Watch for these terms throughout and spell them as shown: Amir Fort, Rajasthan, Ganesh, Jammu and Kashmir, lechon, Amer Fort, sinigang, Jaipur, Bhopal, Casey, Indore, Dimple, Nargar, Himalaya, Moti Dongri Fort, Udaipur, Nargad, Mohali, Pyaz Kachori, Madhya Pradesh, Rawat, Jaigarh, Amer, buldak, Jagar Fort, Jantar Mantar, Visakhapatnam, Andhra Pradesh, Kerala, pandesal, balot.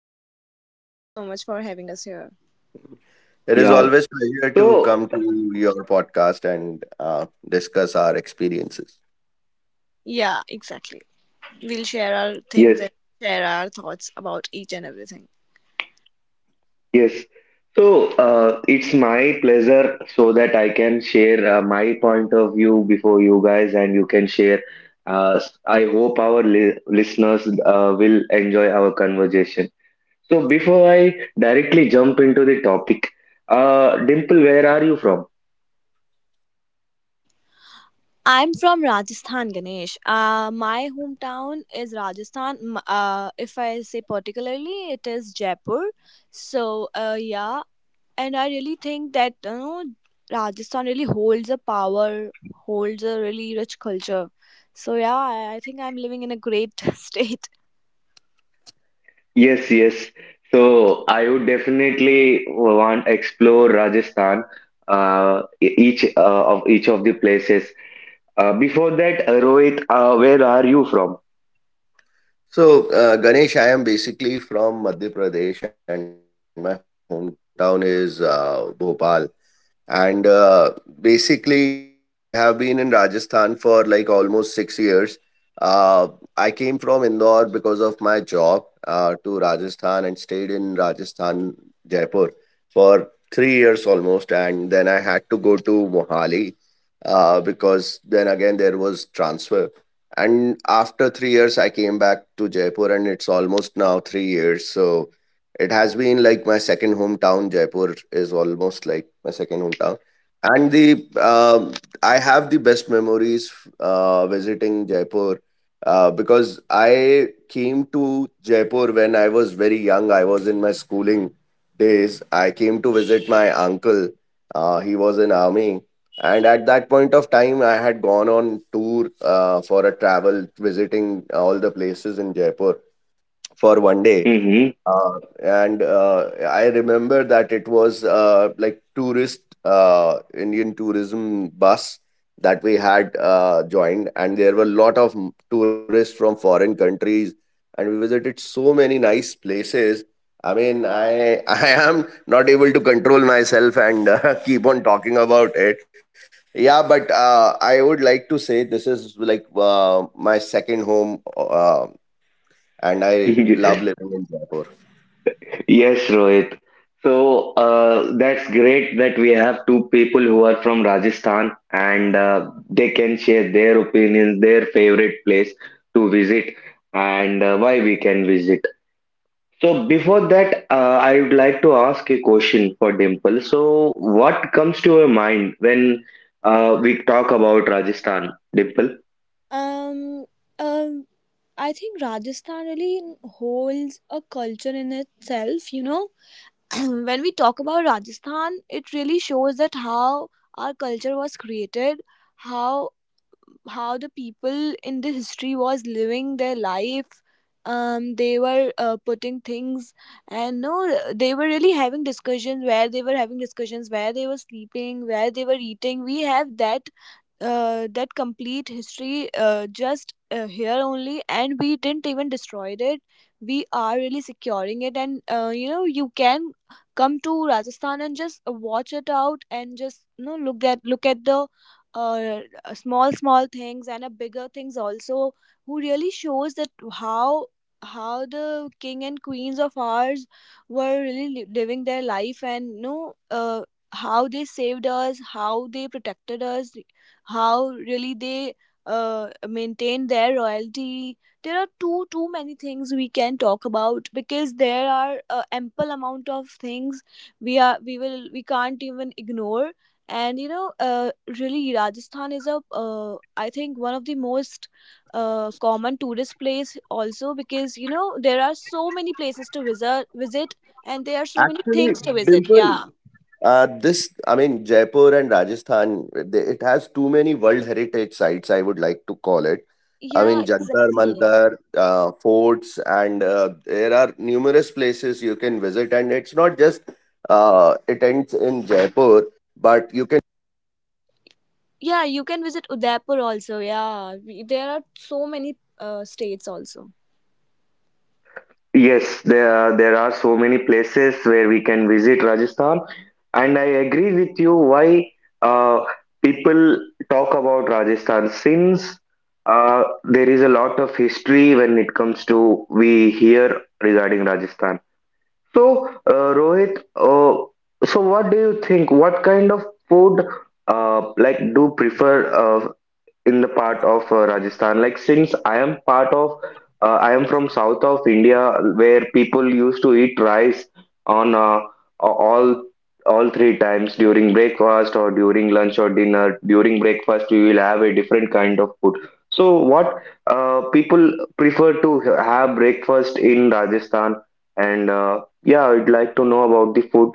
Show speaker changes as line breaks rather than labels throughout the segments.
Good.
thank you so much for having us here.
It is
Yeah.
always pleasure to come
So
to your podcast and discuss our experiences.
Yeah, exactly. We'll share our things
yes.
and share our thoughts about each and everything.
Yes. So it's my pleasure so that I can share my point of view before you guys and you can share. I hope our li listeners will enjoy our conversation. So before I directly jump into the topic, Dimple, where are you from?
I'm from Rajasthan, Ganesh. My hometown is Rajasthan. If I say particularly, it is Jaipur. So, yeah, and I really think that you know Rajasthan really holds a power, holds a really rich culture. So yeah, I think I'm living in a great state.
Yes, yes. So I would definitely want explore Rajasthan, each of the places. Before that, Rohit, where are you from?
So, Ganesh, I am basically from Madhya Pradesh, and my hometown is Bhopal. And basically, I have been in Rajasthan for like almost 6 years. Uh, I came from Indore because of my job to Rajasthan and stayed in Rajasthan, Jaipur for 3 years almost. And then I had to go to Mohali because then again there was transfer. And after 3 years, I came back to Jaipur, and it's almost now 3 years. So it has been like my second hometown. Jaipur is almost like my second hometown. And the I have the best memories visiting Jaipur because I came to Jaipur when I was very young. I was in my schooling days. I came to visit my uncle. He was in army, and at that point of time, I had gone on tour for a travel, visiting all the places in Jaipur for one day
Mm-hmm.
uh, and I remember that it was like tourist Indian tourism bus that we had joined, and there were a lot of tourists from foreign countries, and we visited so many nice places. I I am not able to control myself and keep on talking about it. Yeah, but I would like to say this is like my second home, and I love living in Jaipur.
Yes, Rohit. So that's great that we have two people who are from Rajasthan and they can share their opinions, their favorite place to visit, and why we can visit. So before that, I would like to ask a question for Dimple. So what comes to your mind when we talk about Rajasthan, Dimple?
Um, um, I think Rajasthan really holds a culture in itself. You know, when we talk about Rajasthan, it really shows that how our culture was created, how how the people in the history was living their life they were putting things and no they were really having discussions where they were having discussions where they were sleeping where they were eating we have that that complete history just here only, and we didn't even destroy it. We are really securing it, and you know you can come to rajasthan and just watch it out and just you know look at the uh, small small things and a bigger things also who really shows that how how the king and queens of ours were really living their life, and you know how they saved us, how they protected us, how really they maintain their royalty. There are too too many things we can talk about because there are ample amount of things we are we will we can't even ignore, and you know really rajasthan is a I think one of the most common tourist place also because you know there are so many places to visit and there are so many things to visit. Yeah,
Jaipur and Rajasthan, it has too many World Heritage sites, I would like to call it. I
yeah,
mean, Jantar
exactly.
Mantar, forts, and there are numerous places you can visit. And it's not just it ends in Jaipur, but you can—
Yeah, you can visit Udaipur also. Yeah, we, there are so many states also.
Yes, there are so many places where we can visit Rajasthan, and I agree with you why uh, people talk about Rajasthan since there is a lot of history when it comes to we hear regarding Rajasthan. So, Rohit, so what do you think? What kind of food like do prefer? In the part of Rajasthan. Like since I am part of, I am from south of India where people used to eat rice on all all three times during breakfast or during lunch or dinner. During breakfast, we will have a different kind of food. So what people prefer to have breakfast in Rajasthan, and yeah, I'd like to know about the food.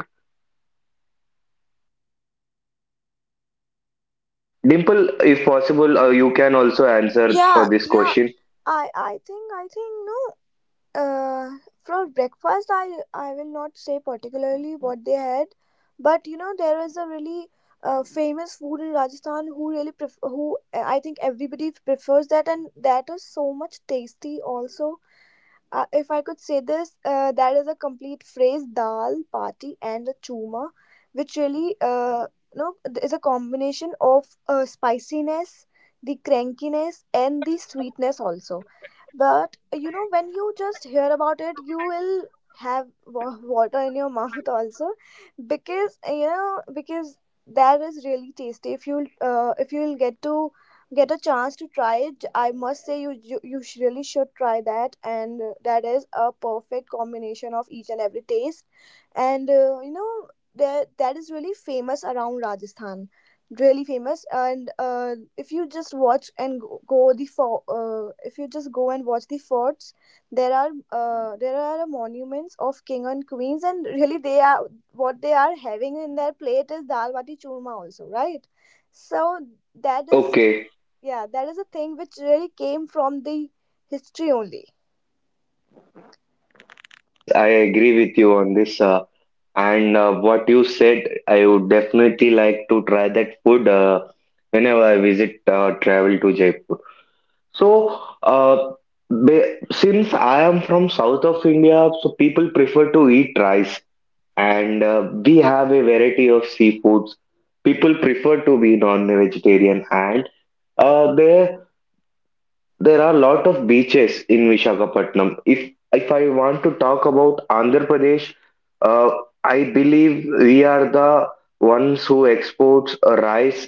Dimple, if possible, you can also answer
Yeah,
for this
yeah.
question.
I think no. Uh, for breakfast, I will not say particularly what they had, but you know there is a really famous food in Rajasthan who really who I think everybody prefers that, and that is so much tasty also. If I could say this, that is a complete phrase dal, party, and a chuma, which really no, is a combination of spiciness, the crankiness, and the sweetness also. But you know, when you just hear about it, you will have water in your mouth also because you know because that is really tasty. If you'll if you'll get to get a chance to try it, I must say you really should try that, and that is a perfect combination of each and every taste. And you know that that is really famous around rajasthan, really famous. And if you just watch and go, go the for if you just go and watch the forts, there are there are monuments of king and queens, and really they are what they are having in their plate is dal bati churma also, right? So that is
Okay.
yeah, that is a thing which really came from the history only.
Yes, yes, I agree with you on this. And what you said, I would definitely like to try that food whenever I visit travel to Jaipur. So, since I am from south of India, so people prefer to eat rice, and we have a variety of seafoods. People prefer to be non-vegetarian, and uh, there there are a lot of beaches in Visakhapatnam. If I want to talk about Andhra Pradesh, uh, I believe we are the ones who exports rice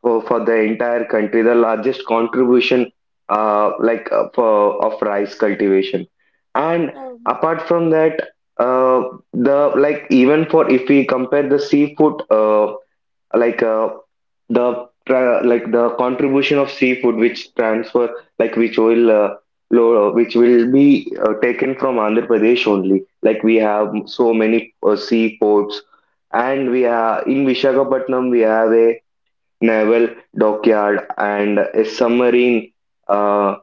for the entire country. The largest contribution, of rice cultivation, and
Um,
apart from that, uh, the like even for if we compare the seafood. Like uh, like the contribution of seafood which transfer like which will which will be taken from Andhra Pradesh only, like we have so many sea ports and we are in Visakhapatnam. We have a naval dockyard and a submarine uh,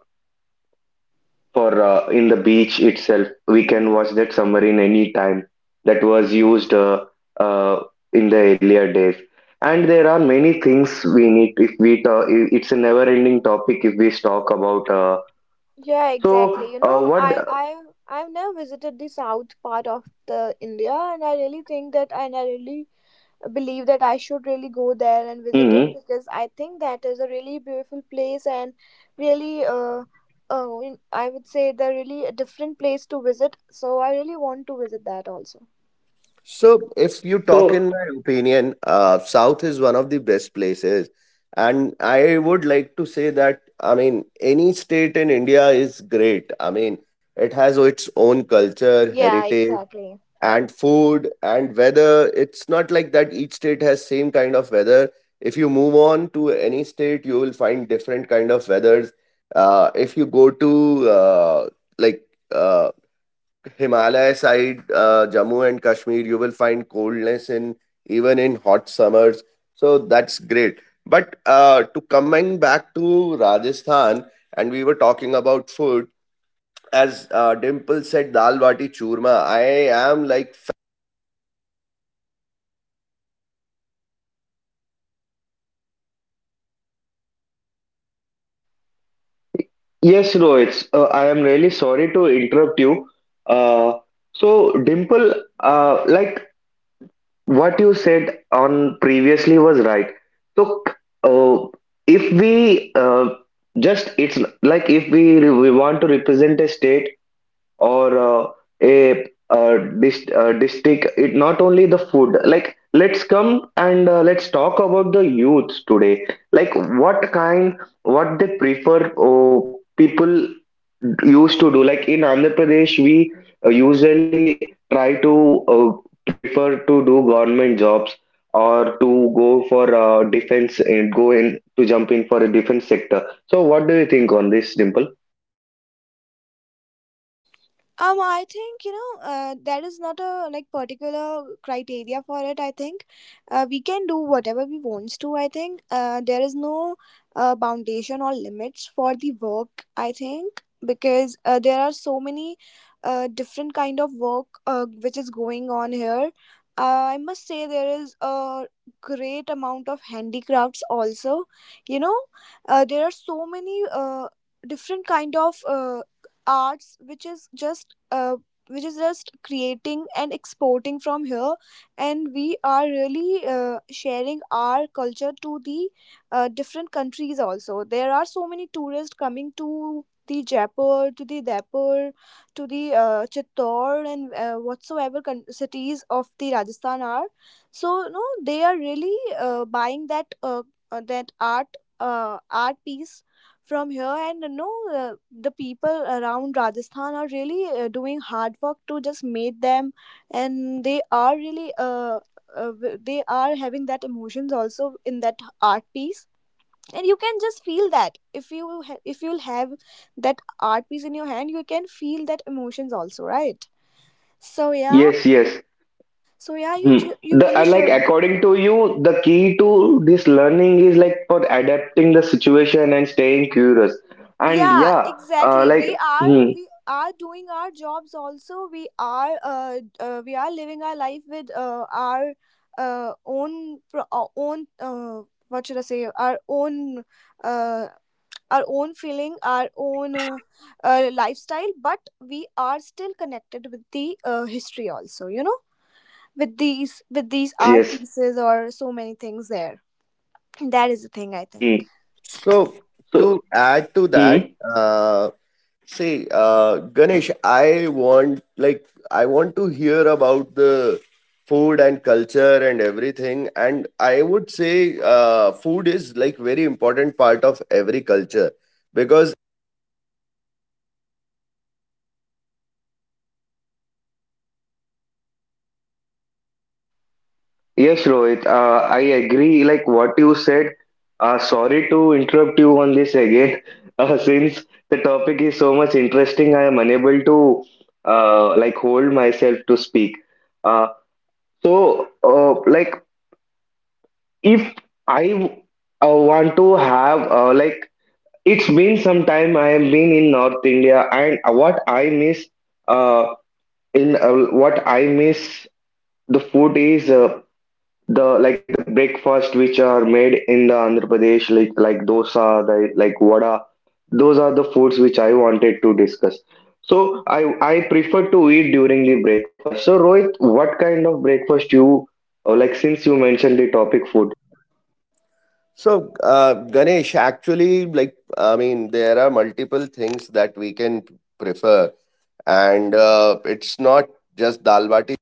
for in the beach itself. We can
yeah.
watch that submarine anytime that was used uh, in the earlier days. And there are many things we need if we talk. It's a never-ending topic if we talk about.
Yeah,
So
exactly. You know,
what?
I've never visited the south part of the India, and I really think that and I really believe that I should really go there and visit it
Mm,
because I think that is a really beautiful place and really uh I would say the really a different place to visit. So I really want to visit that also.
So, if you talk
so
in my opinion, South is one of the best places, and I would like to say that I mean any state in India is great. I mean it has its own culture,
Yeah,
heritage,
exactly.
and food and weather. It's not like that each state has same kind of weather. If you move on to any state, you will find different kind of weathers. If you go to like uh, Himalaya side, Jammu and Kashmir, you will find coldness in even in hot summers. So that's great. But to coming back to Rajasthan, and we were talking about food. As Dimple said, dal bati churma. I am like
yes, Rohit. I am really sorry to interrupt you. Uh, so Dimple, like what you said on previously was right. So, uh, if we just it's like if we want to represent a state or district. It not only the food, like let's come and let's talk about the youths today, like what kind what they prefer. Oh, people used to do like in Andhra Pradesh, we usually try to uh, prefer to do government jobs or to go for defense and go in to jump in for a defense sector. So what do you think on this, Dimple?
I think you know there is not a like particular criteria for it. I think we can do whatever we wants to. I think there is no foundation or limits for the work. I think because there are so many different kind of work which is going on here. I must say there is a great amount of handicrafts also. You know, there are so many different kind of arts which is just creating and exporting from here, and we are really sharing our culture to the different countries also. There are so many tourists coming to the jaipur, to the Daipur, to the chittor, and whatsoever cities of the rajasthan are, so no they are really buying that that art art piece from here. And you know uh, the people around rajasthan are really doing hard work to just make them, and they are really they are having that emotions also in that art piece. And you can just feel that if you if you'll have that art piece in your hand, you can feel that emotions also, right? So yeah,
Yes, yes.
so yeah you
Hmm.
you
The,
really
like
should.
according to you, the key to this learning is like for adapting the situation and staying curious. And
Yeah,
yeah, uh,
exactly,
like hmm,
we are doing our jobs also. We are we are living our life with our own what should I say uh, our own feeling, our own lifestyle, but we are still connected with the history also, you know, with these
yes,
art
yes.
pieces or so many things there. That is the thing I
Hmm.
think.
so.
So
To add to that,
hmm.
see, Ganesh, I want to hear about the food and culture and everything. And I would say food is like very important part of every culture because—
Yes, Rohit. I agree. Like what you said. Sorry to interrupt you on this again. Since the topic is so much interesting, I am unable to like hold myself to speak. Uh, so like if I want to have like it's been some time I have been in North India and what I miss uh, in uh, what I miss the food is the like the breakfast which are made in the Andhra Pradesh like dosa the, like vada. Those are the foods which I wanted to discuss. So I prefer to eat during the breakfast. So Rohit, what kind of breakfast you like since you mentioned the topic food?
So Ganesh, actually, like I mean, there are multiple things that we can prefer, and it's not just dal bati.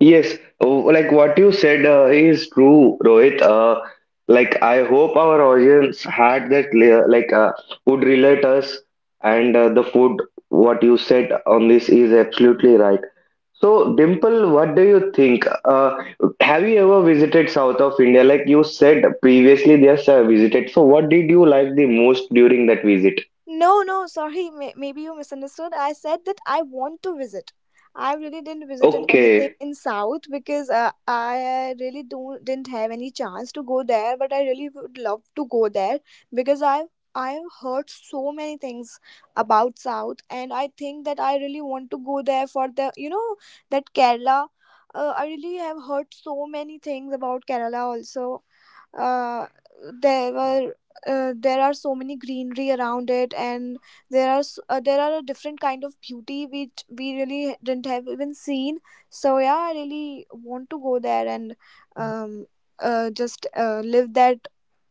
Yes, oh, like what you said is true, Rohit. Like I hope our audience had that layer, like would relate us, and the food what you said on this is absolutely right. So, Dimple, what do you think? Have you ever visited South of India? Like you said previously, yes, I visited. So, what did you like the most during that visit?
No, no, sorry. Maybe you misunderstood. I said that I want to visit. I really didn't visited anything
Okay.
in South because I really don't didn't have any chance to go there. But I really would love to go there because I've heard so many things about South, and I think that I really want to go there for the you know that Kerala. I really have heard so many things about Kerala also. uh, there were there are so many greenery around it, and there are there are a different kind of beauty which we really didn't have even seen. So yeah, I really want to go there and um just live that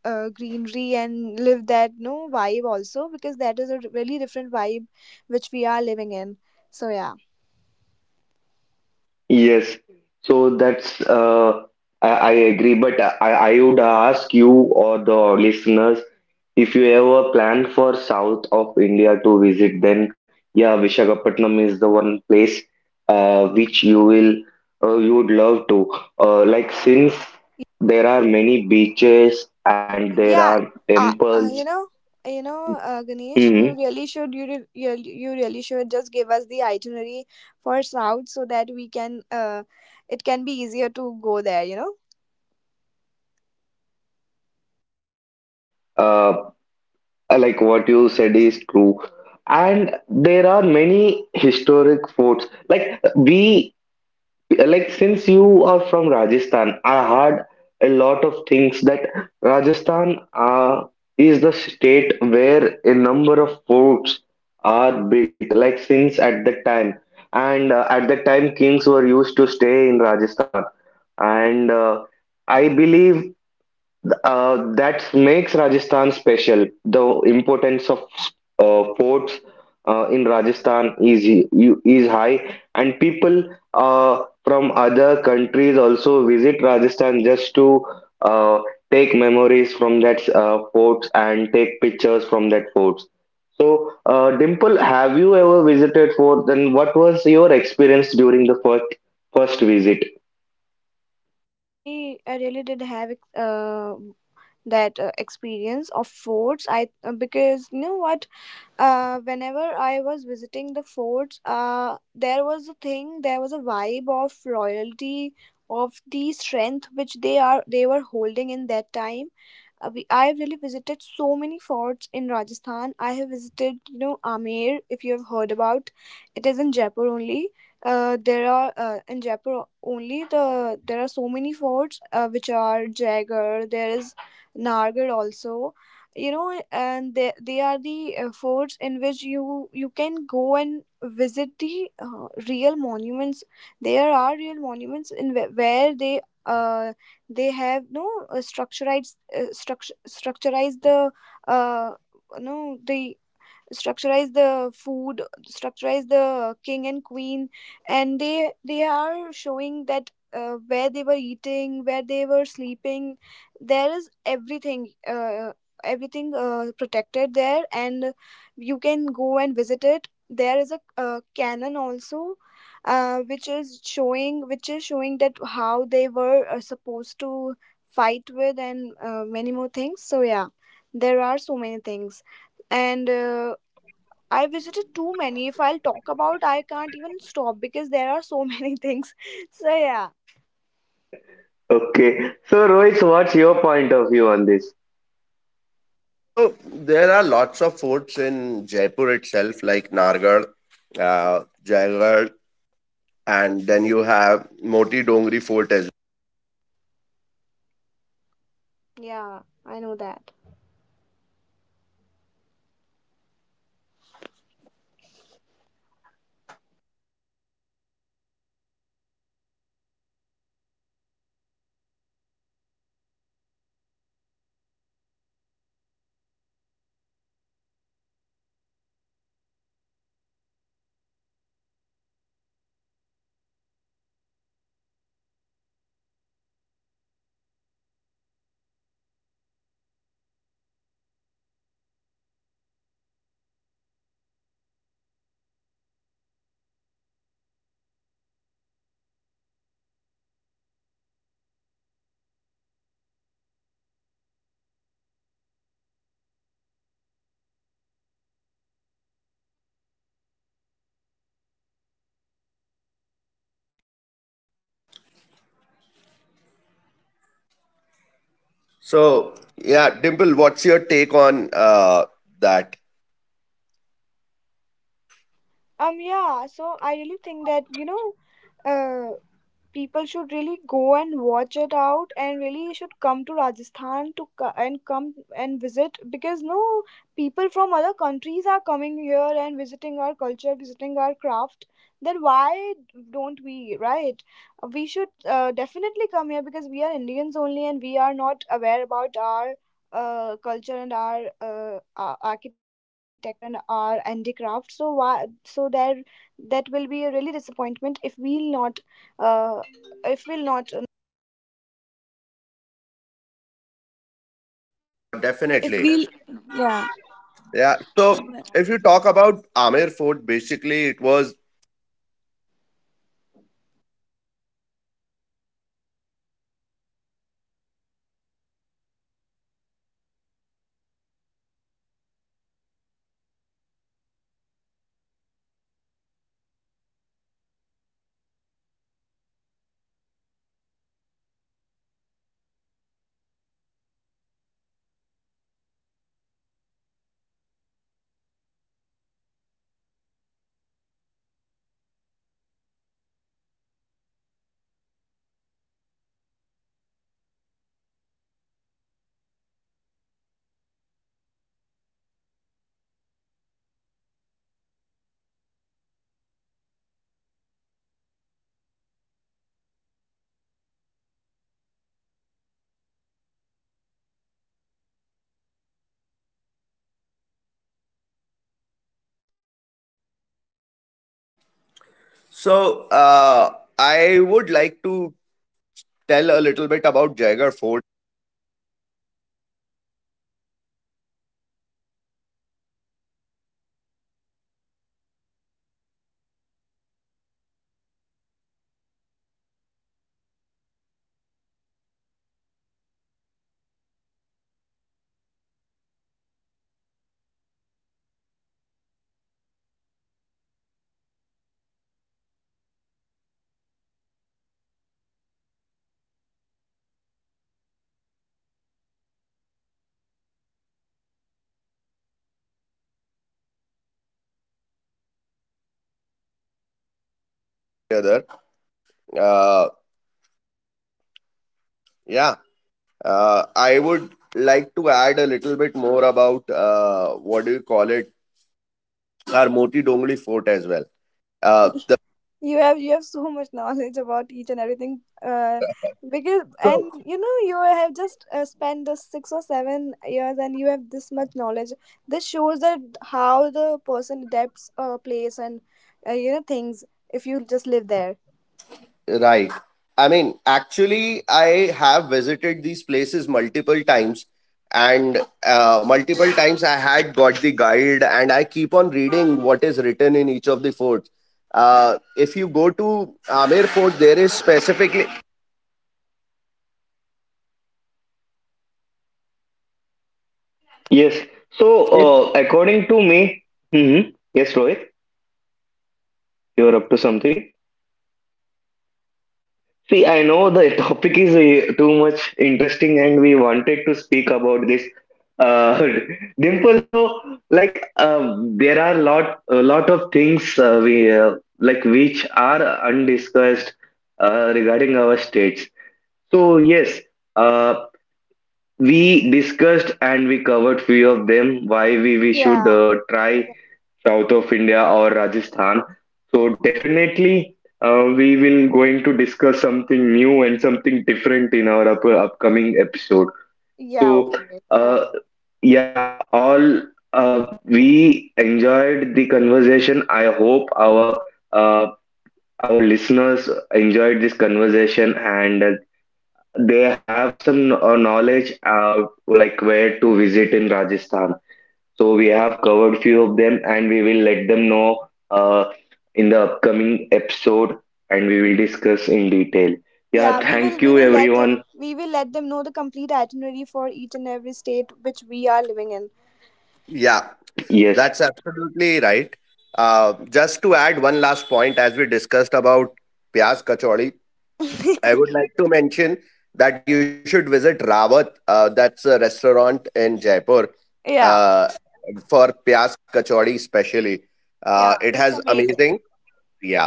greenery and live that no vibe also because that is a really different vibe which we are living in. So yeah,
Yes, so that's I agree, but I would ask you or the listeners, if you ever plan for south of India to visit, then yeah, Vishakhapatnam is the one place which you will you would love to like since there are many beaches and there
yeah.
are temples.
You know, you know Ganesh, you
Hmm.
really should you really should just give us the itinerary for south so that we can it can be easier to go there, you know.
Uh, like what you said is true, and there are many historic forts like we like since you are from Rajasthan. I heard a lot of things that Rajasthan is the state where a number of forts are built, like since at that time and at that time kings were used to stay in Rajasthan, and I believe that makes Rajasthan special. The importance of ports in Rajasthan is is high, and people from other countries also visit Rajasthan just to uh, take memories from that forts and take pictures from that forts. So, Dimple, have you ever visited fort? Then, what was your experience during the first visit?
Yeah, I really did have that experience of forts. I Because you know what, whenever I was visiting the forts, there was a thing, there was a vibe of royalty, of the strength which they were holding in that time. I have really visited so many forts in Rajasthan. I have visited, you know, Amer, if you have heard about. It is in Jaipur only. There are In Jaipur only, the there are so many forts which are Jaigarh. There is Nargar also. You know, and they are the forts in which you can go and visit the real monuments. There are real monuments in where uh, they have no structurized the uh, no the structurize the food, structurize the king and queen, and they are showing that where they were eating, where they were sleeping. There is everything everything protected there, and you can go and visit it. There is a canon also which is showing that how they were supposed to fight with, and many more things. So yeah, there are so many things. And I visited too many. If I'll talk about, I can't even stop because there are so many things. So yeah,
Okay, so Rohit, what's your point of view on this?
So there are lots of foods in Jaipur itself, like Nargad, Jaigarh, and then you have Moti Dongri Fort as well.
yeah, I know that.
So yeah, Dimple, what's your take on that?
Yeah. So I really think that you know, uh, people should really go and watch it out and really should come to rajasthan to and come and visit. Because no, people from other countries are coming here and visiting our culture, visiting our craft, then why don't we, right? We should definitely come here because we are indians only, and we are not aware about our culture and our architecture and our handicraft. So why, so there, that will be a really disappointment if we'll not uh, if we'll not uh, if
Definitely,
we'll, yeah.
yeah. So if you talk about Amir Fort, basically it was— So I would like to tell a little bit about Jagar Fort. Together, uh, yeah, I would like to add a little bit more about what do you call it, our Moti Dongri Fort as well. Uh,
You have you have so much knowledge about each and everything, uh, because and
so
you know you have just spent the 6 or 7 years and you have this much knowledge. This shows that how the person adapts a place, and you know things if you just live there.
right. I mean, actually, I have visited these places multiple times, and multiple times I had got the guide, and I keep on reading what is written in each of the forts. If you go to Amer Fort, there is specifically—
Yes. So,
If,
according to me, mhm. Yes, Rohit, you're up to something. See, I know the topic is too much interesting, and we wanted to speak about this. Uh, Dimple, so like there are lot of things we like which are undiscussed regarding our states. So yes, uh, we discussed and we covered few of them. Why we should
Yeah.
try
Exa-
south of India or Rajasthan. So definitely, we will going to discuss something new and something different in our upcoming episode.
yeah,
So
okay, sure.
uh, yeah, all we enjoyed the conversation. I hope uh, our listeners enjoyed this conversation and they have some knowledge like where to visit in Rajasthan. So we have covered few of them, and we will let them know uh, in the upcoming episode, and we will discuss in detail.
Yeah,
Yeah,
we will
thank you everyone.
we will let them know the complete itinerary for each and every state which we are living in.
Yeah,
Yes,
that's absolutely right. Just to add one last point, as we discussed about Pyaz Kachori, I would like to mention that you should visit Rawat. That's a restaurant in Jaipur
Yeah.
uh, for Pyas Kachori especially. It
Yeah,
has
it's amazing.
amazing, yeah.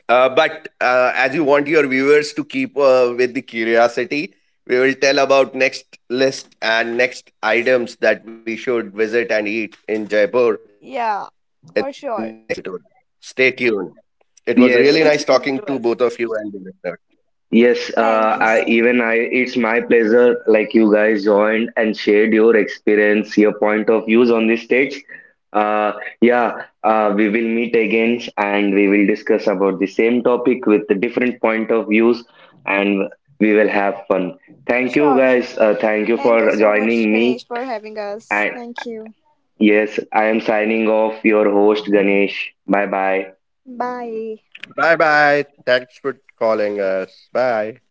But as you want your viewers to keep with the curiosity, we will tell about next list and next items that we should visit and eat in Jaipur in the next
Yeah,
episode.
for sure.
Stay tuned. It was really nice talking to
yes.
Stay
both of you
tuned
and
to
the
us.
listeners.
Yes,
Thank you
I
so
even I it's my pleasure, like you guys joined and shared your experience, your point of views on this stage. Uh, yeah, we will meet again and we will discuss about the same topic with the different point of views, and we will have fun. Thank you
sure, sure.
guys. Thank you
Thank you
for
so much,
joining me.
Ganesh, for having us.
And
Thank you.
yes, I am signing off, your host Ganesh. Bye bye.
Bye.
Bye bye. Thanks for calling us. Bye.